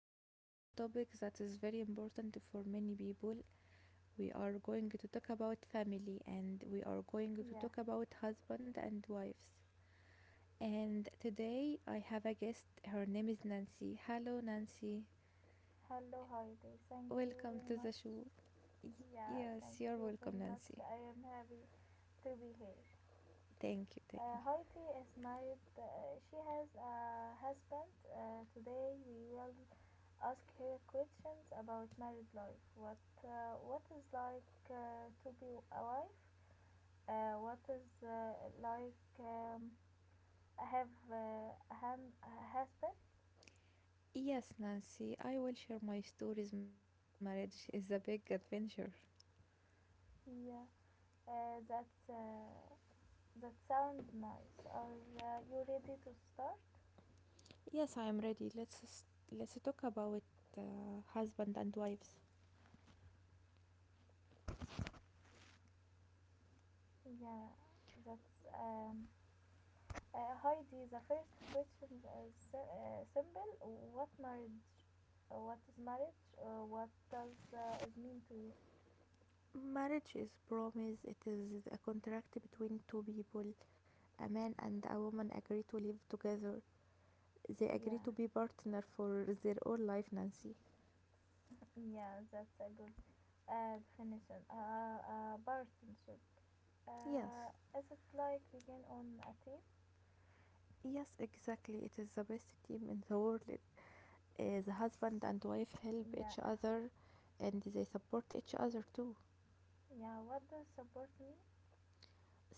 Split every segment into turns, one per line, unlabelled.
Today we have a topic that is very important for many people. We are going to talk about family and we are going to
Yeah.
talk about husband and wives. And today I have a guest. Her name is Nancy. Hello Nancy.
Hello, hi there. Thank you
Welcome
very
to
much.
the show. Y-
Yeah, thank
yes, you're
you very
welcome
much.
Nancy.
I am happy to be here.
Thank you, thank you.
Heidi is married. She has a husband. Today we will ask her questions about married life. What is like to be a wife? What is like have a, a husband?
Yes, Nancy, I will share my stories. Marriage is a big adventure.
Yeah, uh, that's. Uh, That sounds nice. Are you ready to start?
Yes, I am ready. Let's talk about uh, husband and wives.
Yeah, that's. Heidi, the first question is simple. What marriage? What is marriage? What does it mean to you?
Marriage is promise. It is a contract between two people. A man and a woman agree to live together. They agree
Yeah,
to be partner for their whole life, Nancy.
yeah, that's a good definition. Partnership. Uh,
Yes.
is it like begin on a team?
Yes, exactly. It is the best team in the world. The husband and wife help
Yeah,
each other and they support each other too.
yeah. What does support mean?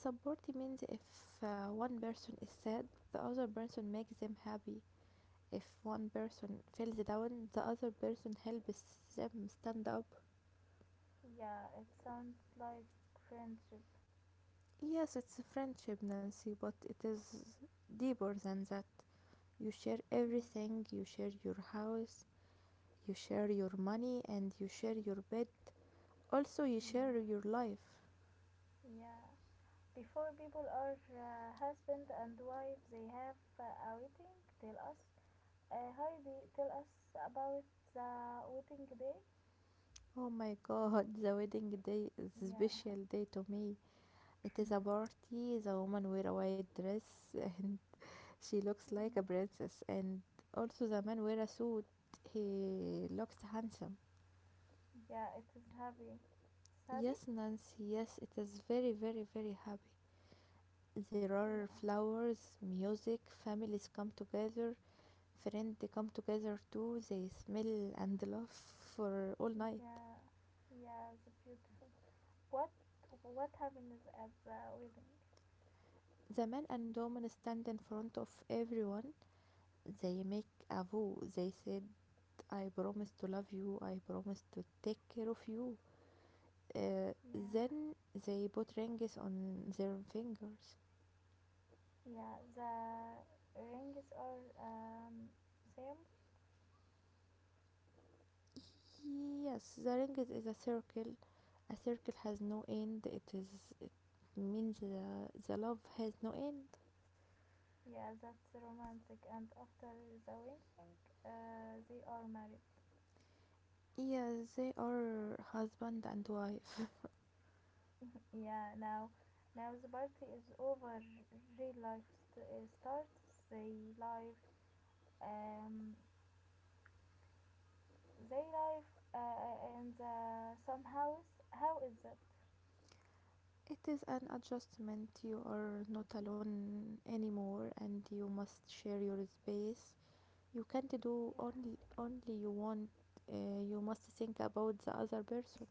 Support means if one person is sad, the other person makes them happy. If one person falls down, the other person helps them stand up.
Yeah, it sounds like friendship.
Yes, it's a friendship, Nancy, but it is deeper than that. You share
Yeah,
everything, you share your house, you share your money, and you share your bed. Also, you share
yeah.
your life.
Yeah. Before people are husband and wife, they have a wedding. Tell us, Heidi. Tell us about the wedding day.
Oh my god, the wedding day is a
Yeah.
special day to me. It is a party, the woman wear a white dress, and she looks like a
Mm.
princess, and also the man wear a suit. He looks handsome.
Yeah, it is happy. It's happy.
Yes, Nancy, yes, it is very, very, very happy. There
Yeah.
are flowers, music, families come together, friends they come together too, they smell and laugh for all night.
Yeah. Yeah. It's beautiful. What What happens at the wedding?
The men and women stand in front of everyone. They make a vow. They said, I promise to love you, I promise to take care of you. Uh,
Yeah.
then they put rings on their fingers.
Yeah. The rings are same.
Yes, the ring is a circle. A circle has no end. It means the love has no end.
Yeah, that's romantic. And after the wedding, they are married.
Yes, they are husband and wife.
Yeah, now, now the party is over. Real life starts. Live, um, they live in the some house. How is that?
It is an adjustment. You are not alone anymore, and you must share your space. You can't do
Yeah,
only you want. You must think about the other person.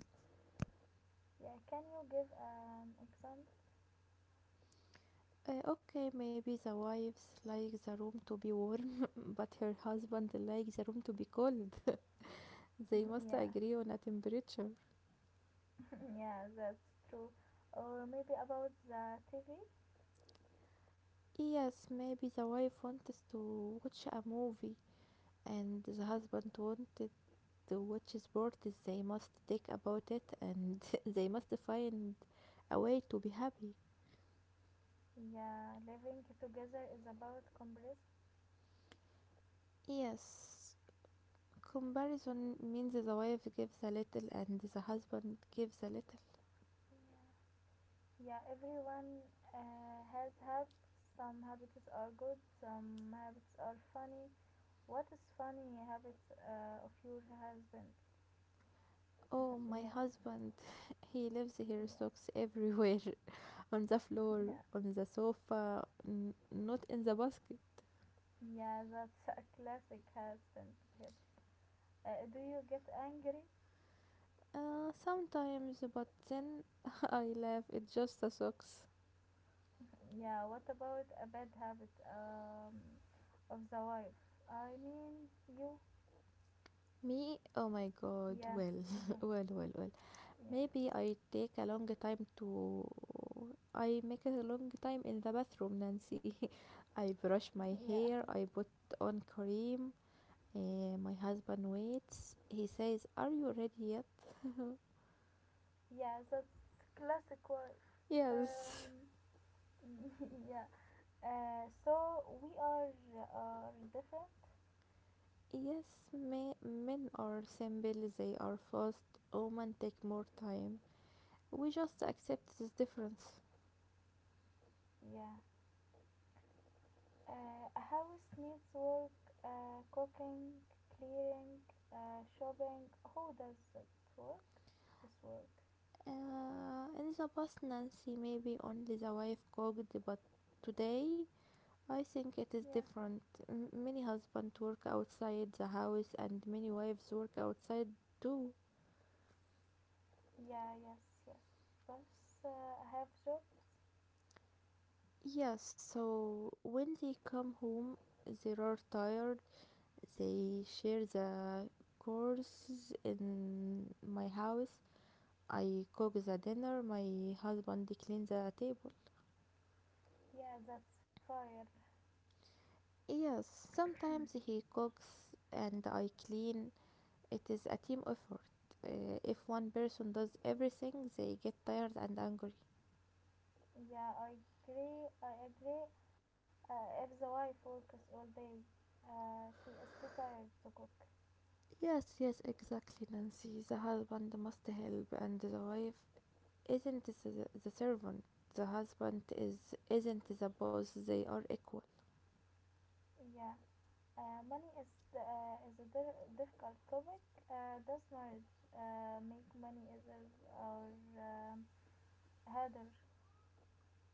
yeah. Can you give an example?
Okay, maybe the wives like the room to be warm, but her husband likes the room to be cold. They must
yeah,
agree on a temperature.
yeah. That's true. Or maybe about the TV.
Yes, maybe the wife wants to watch a movie and the husband wanted to watch sports. They must talk about it and they must find a way to be happy.
Yeah, living together is about compromise.
Yes, comparison means the wife gives a little and the husband gives a little.
Yeah. Yeah, everyone has habits. Some habits are good, some habits are funny. What is funny habits of your husband?
Oh, my
Yeah,
husband, he leaves his
yeah,
socks everywhere on the floor,
yeah,
on the sofa, not in the basket.
yeah. That's a classic husband habit. Do you get angry?
Sometimes, but then I laugh, it's just the socks.
Yeah. What about a bad habit of the wife? I mean, you.
Me, oh my god,
Yeah,
well, well, well, well.
yeah,
Maybe I take a long time to. I make a long time in the bathroom, Nancy. I brush my
yeah,
hair, I put on cream. My husband waits. He says, are you ready yet?
yeah. That's classic wife.
Yes.
Um, yeah. So we are different.
Yes, men are simple, they are fast, women take more time. We just accept this difference.
Yeah. A house needs work, cooking, clearing, shopping. Who does that work? This work.
In the past, Nancy maybe only the wife cooked, but today I think it is
Yeah.
different. Many husbands work outside the house, and many wives work outside too.
Yeah. Yes. Yes. Plus, I have jobs.
Yes, so when they come home, they are tired. They share the courses in my house. I cook the dinner, my husband cleans the table.
Yeah, that's fire.
Yes, sometimes he cooks and I clean. It is a team effort. If one person does everything, they get tired and angry.
Yeah, I agree. I agree. If the wife works all day, she is too tired to cook.
Yes, yes, exactly, Nancy. The husband must help, and the wife isn't the servant. The husband is isn't the boss. They are equal.
Yeah. Money is a difficult topic. Does marriage make money easier or um, harder?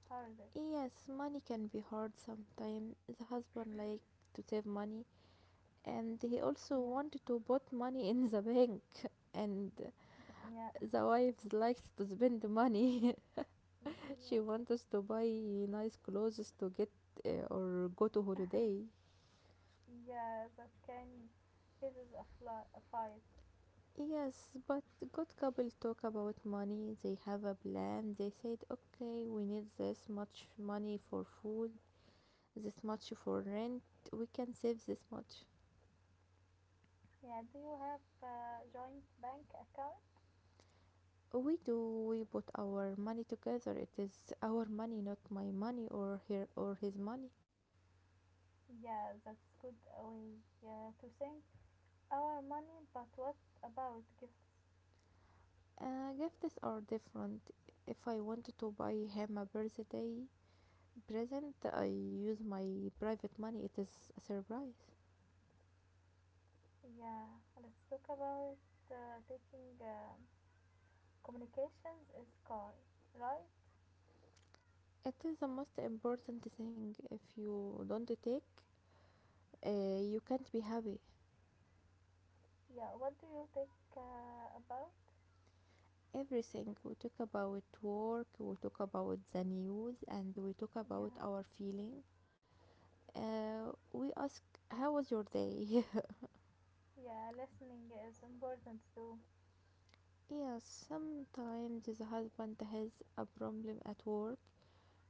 Harder.
Yes, money can be hard sometimes. The husband liked to save money and he
Yeah,
also wanted to put money in the bank and
yeah,
the wife likes to spend the money.
yeah,
She wants us to buy nice clothes to get or go to holiday.
yeah. That can causes a, fl- a fight.
Yes, but good couple talk about money. They have a plan. They said, okay, we need this much money for food, this much for rent. We can save this much.
Yeah. Do you have a joint bank account?
We do. We put our money together. It is our money, not my money or her or his money.
Yeah, that's good way, yeah, to think. Our money, but what about gifts?
Gifts are different. If I want to buy him a birthday present, I use my private money. It is a surprise.
Yeah, let's talk about taking communications is sky, right?
It is the most important thing. If you don't take, you can't be happy.
Yeah, what do you think about?
Everything we talk about work, we talk about the news, and we talk about
Yeah,
our feeling. We ask, "How was your day?"
yeah, listening is important too.
Yeah, sometimes the husband has a problem at work.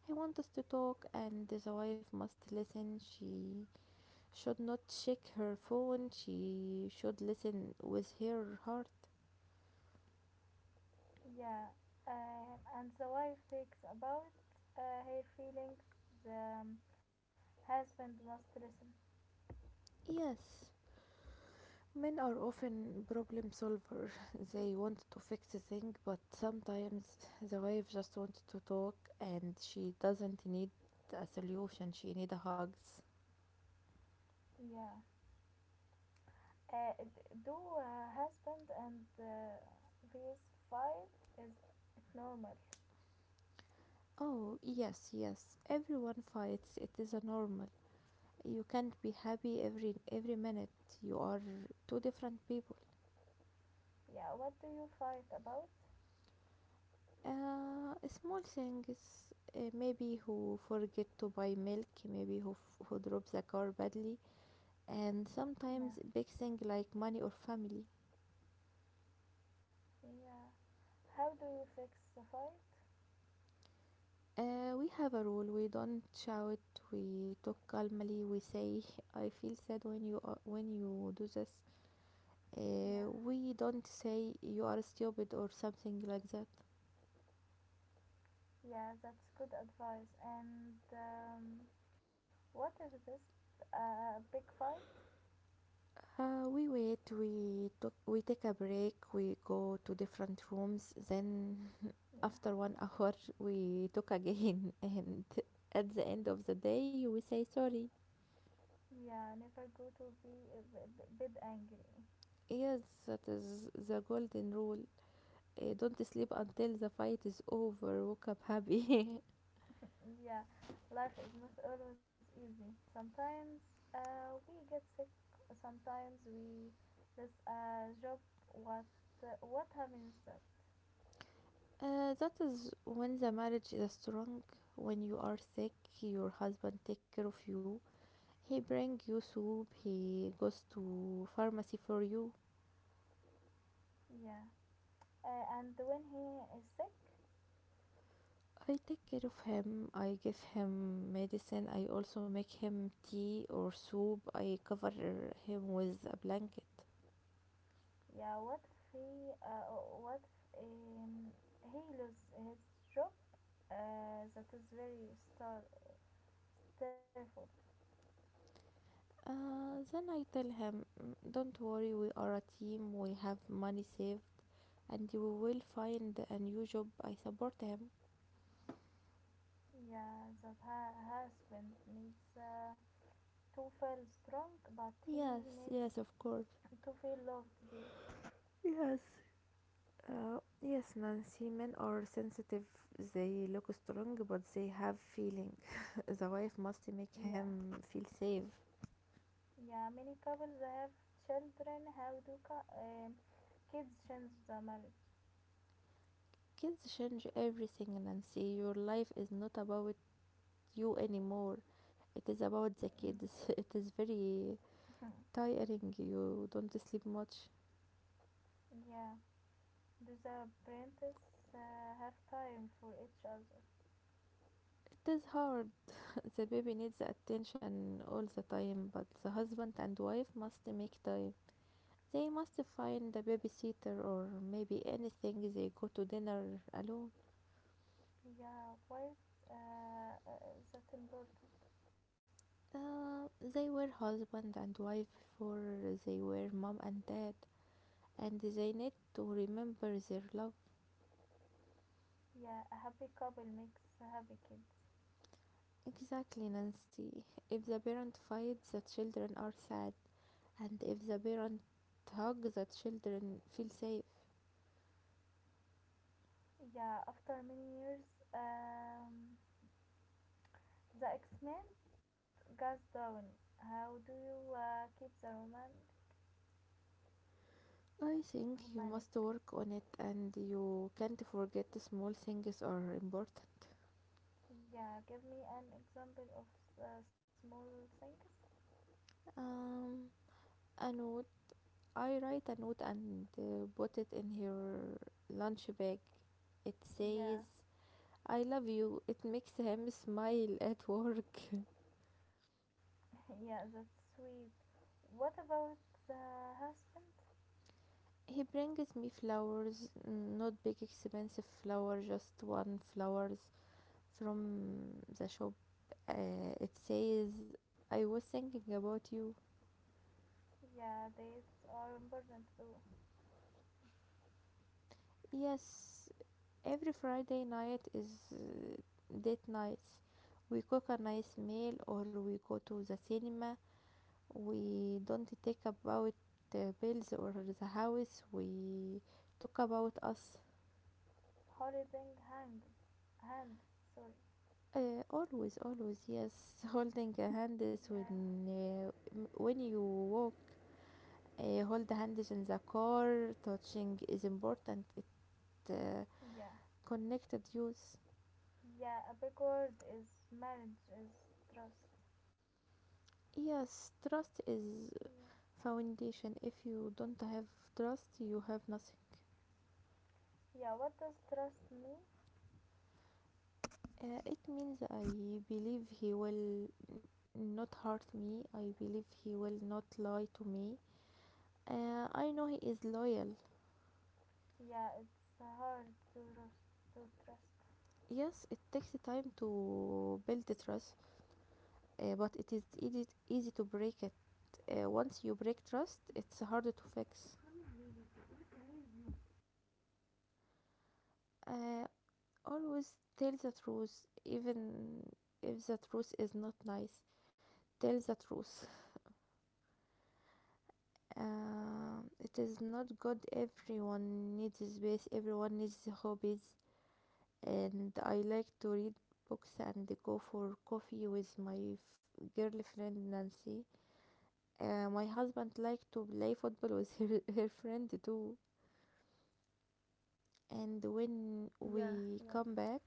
He wants to talk, and the wife must listen. She should not check her phone. She should listen with her heart.
Yeah, and the wife takes about her feelings, the husband must listen.
Yes, men are often problem solvers. They want to fix the thing, but sometimes the wife just wants to talk, and she doesn't need a solution. She needs hugs.
Yeah, do husband and vs fight is normal?
Oh, yes, yes. Everyone fights. It is a normal. You can't be happy every minute, you are two different people.
Yeah, what do you fight about?
Uh, small things, maybe who forget to buy milk, maybe who, who drops the car badly, and
Yeah,
sometimes big thing like money or family.
yeah, how do you fix the fight?
We have a rule, we don't shout, we talk calmly, we say I feel sad when you do this.
Yeah,
We don't say you are stupid or something like that.
yeah, that's good advice. And what if this a big fight?
We wait, we took, we take a break, we go to different rooms. Then
Yeah,
after one hour, we talk again, and at the end of the day, we say sorry.
yeah, never go to be a bit angry.
Yes, that is the golden rule. Don't sleep until the fight is over. Wake up happy.
Yeah, life is not always easy. Sometimes we get sick. Sometimes we lose a job. What what happens? That?
That is when the marriage is strong. When you are sick, your husband take care of you. He bring you soup. He goes to pharmacy for you.
Yeah, and when he is sick.
I take care of him. I give him medicine. I also make him tea or soup. I cover him with a blanket.
Yeah, what if what if um, he loses his job? That is very terrible.
Then I tell him, "Mm, don't worry, we are a team. We have money saved and we will find a new job. I support him.
Yeah, that her husband needs to feel strong, but he
Yes,
needs
yes, of course.
to feel loved too.
Yes, yes, Nancy. Men are sensitive. They look strong, but they have feeling. The wife must make
Yeah,
him feel safe.
yeah. Many couples have children. How do kids change the marriage?
Kids change everything, Nancy. Your life is not about you anymore. It is about
Mm,
the kids. It is very tiring. You don't sleep much.
yeah. Do the parents have time for each other?
It is hard. The baby needs attention all the time, but the husband and wife must make time. They must find a babysitter or maybe anything. They go to dinner alone.
Yeah, why is that important?
They were husband and wife before they were mom and dad, and they need to remember their love.
Yeah, a happy couple makes happy kids.
Exactly, Nancy. If the parent fights, the children are sad, and if the parent hugs, the children feel safe.
Yeah, after many years, um, the excitement goes down. How do you keep the
I think you must
romantic?
work on it, and you can't forget the small things are important.
Yeah, give me an example of small things.
Um, a note. I write a note and put it in her lunch bag. It
Yeah,
says, "I love you." It makes him smile at work.
yeah, that's sweet. What about the husband?
He brings me flowers, not big expensive flower, just one flowers from the shop. It says, I was thinking about you.
Yeah, dates are important too.
Yes, every Friday night is date nights. We cook a nice meal or we go to the cinema. We don't talk about bills or the house. We talk about us.
Holding hand, sorry.
Always, always, yes. Holding a hands
Yeah,
when when you walk, hold hands in the car. Touching is important. It uh,
yeah,
connected use.
yeah, a big word is marriage is trust.
Yes, trust is
Yeah,
foundation. If you don't have trust, you have nothing.
yeah, what does trust mean?
It means I believe he will not hurt me. I believe he will not lie to me. I know he is loyal.
Yeah, it's hard to trust to trust.
Yes, it takes time to build the trust. Uh, but it is easy, easy to break it. Once you break trust, it's harder to fix. Uh, always tell the truth, even if the truth is not nice. Tell the truth. It is not good. Everyone needs space, everyone needs hobbies. And I like to read books and go for coffee with my girlfriend Nancy. My husband likes to play football with her, her friend too. And when
Yeah,
we
yeah,
come back,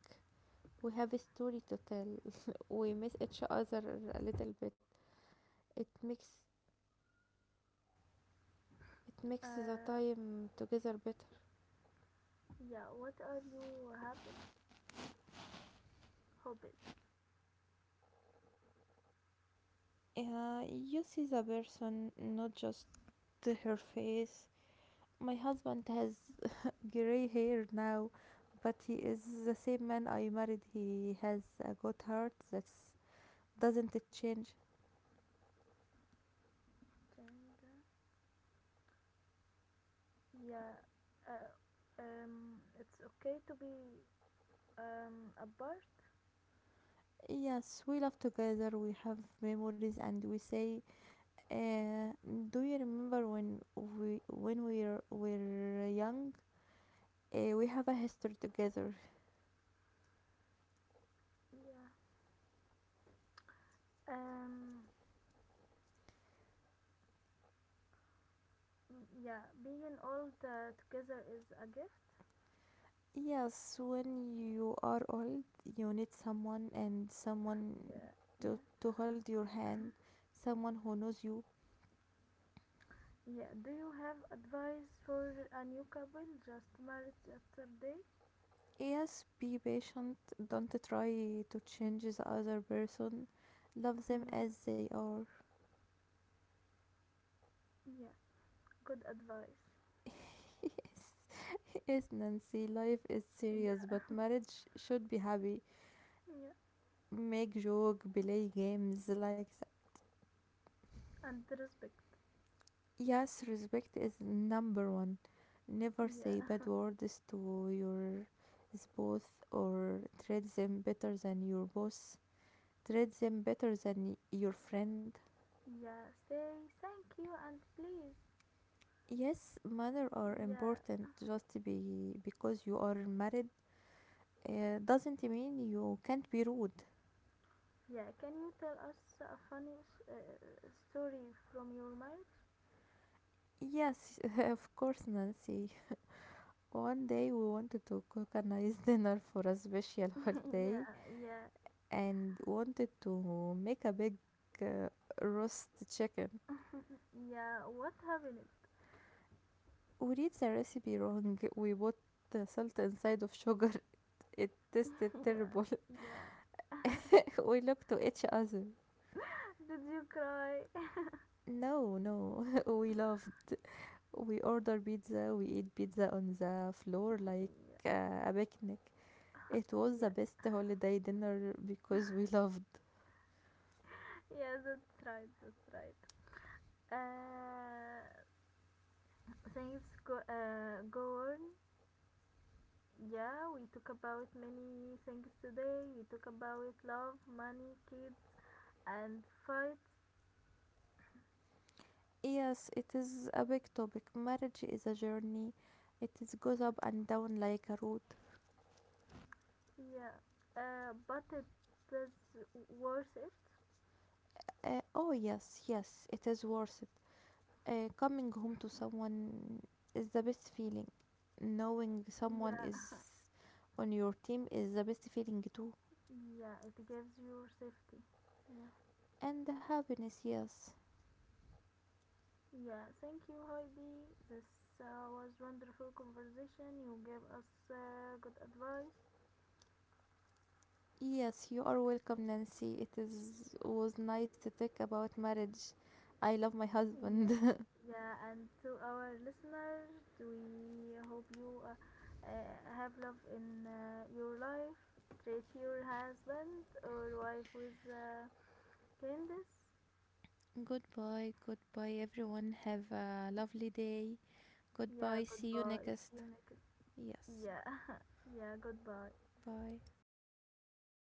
we have a story to tell. We miss each other a little bit. It makes it makes the
uh
time together better.
yeah, what are you habit hobbies?
You see the person, not just her face. My husband has gray hair now, but he is the same man I married. He has a good heart that doesn't change.
Gender, yeah, uh, it's okay to be apart.
Yes, we love together, we have memories, and we say uh, do you remember when we were young? We have a history together.
Yeah, um, mm, yeah, being all together is a gift.
Yes, when you are old, you need someone and someone
Yeah, yeah,
to hold your hand, someone who knows you.
yeah. Do you have advice for a new couple just married yesterday?
Yes, be patient. Don't try to change the other person. Love them
Yeah,
as they are.
yeah. Good advice.
Yes, yes, Nancy. Life is serious,
Yeah,
but marriage should be happy.
yeah.
Make joke, play games like that.
And respect.
Yes, respect is number one. Never say
Yeah,
bad words to your spouse or treat them better than your boss. Treat them better than your friend.
yeah. Say thank you and please.
Yes, manners are
Yeah,
important just be because you are married. Doesn't mean you can't be rude.
yeah. Can you tell us a funny story from your marriage?
Yes, of course, Nancy. One day we wanted to cook a nice dinner for a special
yeah,
holiday,
yeah,
and wanted to make a big uh, roast chicken.
yeah. What happened?
We read the recipe wrong. We put the salt inside of sugar. It tasted
yeah,
terrible.
yeah.
We looked to each other.
Did you cry?
No, no, we loved. We order pizza. We eat pizza on the floor like
yeah,
uh, a picnic. It was the
yeah,
best holiday dinner because we loved.
yeah, that's right, that's right. Uh, Go on. Yeah, we talk about many things today. We talk about love, money, kids, and fights.
Yes, it is a big topic. Marriage is a journey. It is goes up and down like a road.
Yeah, but it is worth it.
Oh yes, yes, it is worth it. Coming home to someone is the best feeling. Knowing someone
Yeah,
is on your team is the best feeling too.
yeah, it gives you safety. Yeah.
And the happiness, yes.
Yeah, thank you, Heidi. This was wonderful conversation. You gave us good advice.
Yes, you are welcome, Nancy. It is was nice to talk about marriage. I love my
Yeah,
husband.
yeah, and to our listeners, we hope you have love in your life. Treat your husband or wife with kindness.
Goodbye, goodbye everyone. Have a lovely day.
Yeah,
Goodbye. See you
goodbye. See
next.
you next.
Yes.
Yeah, yeah, goodbye.
Bye.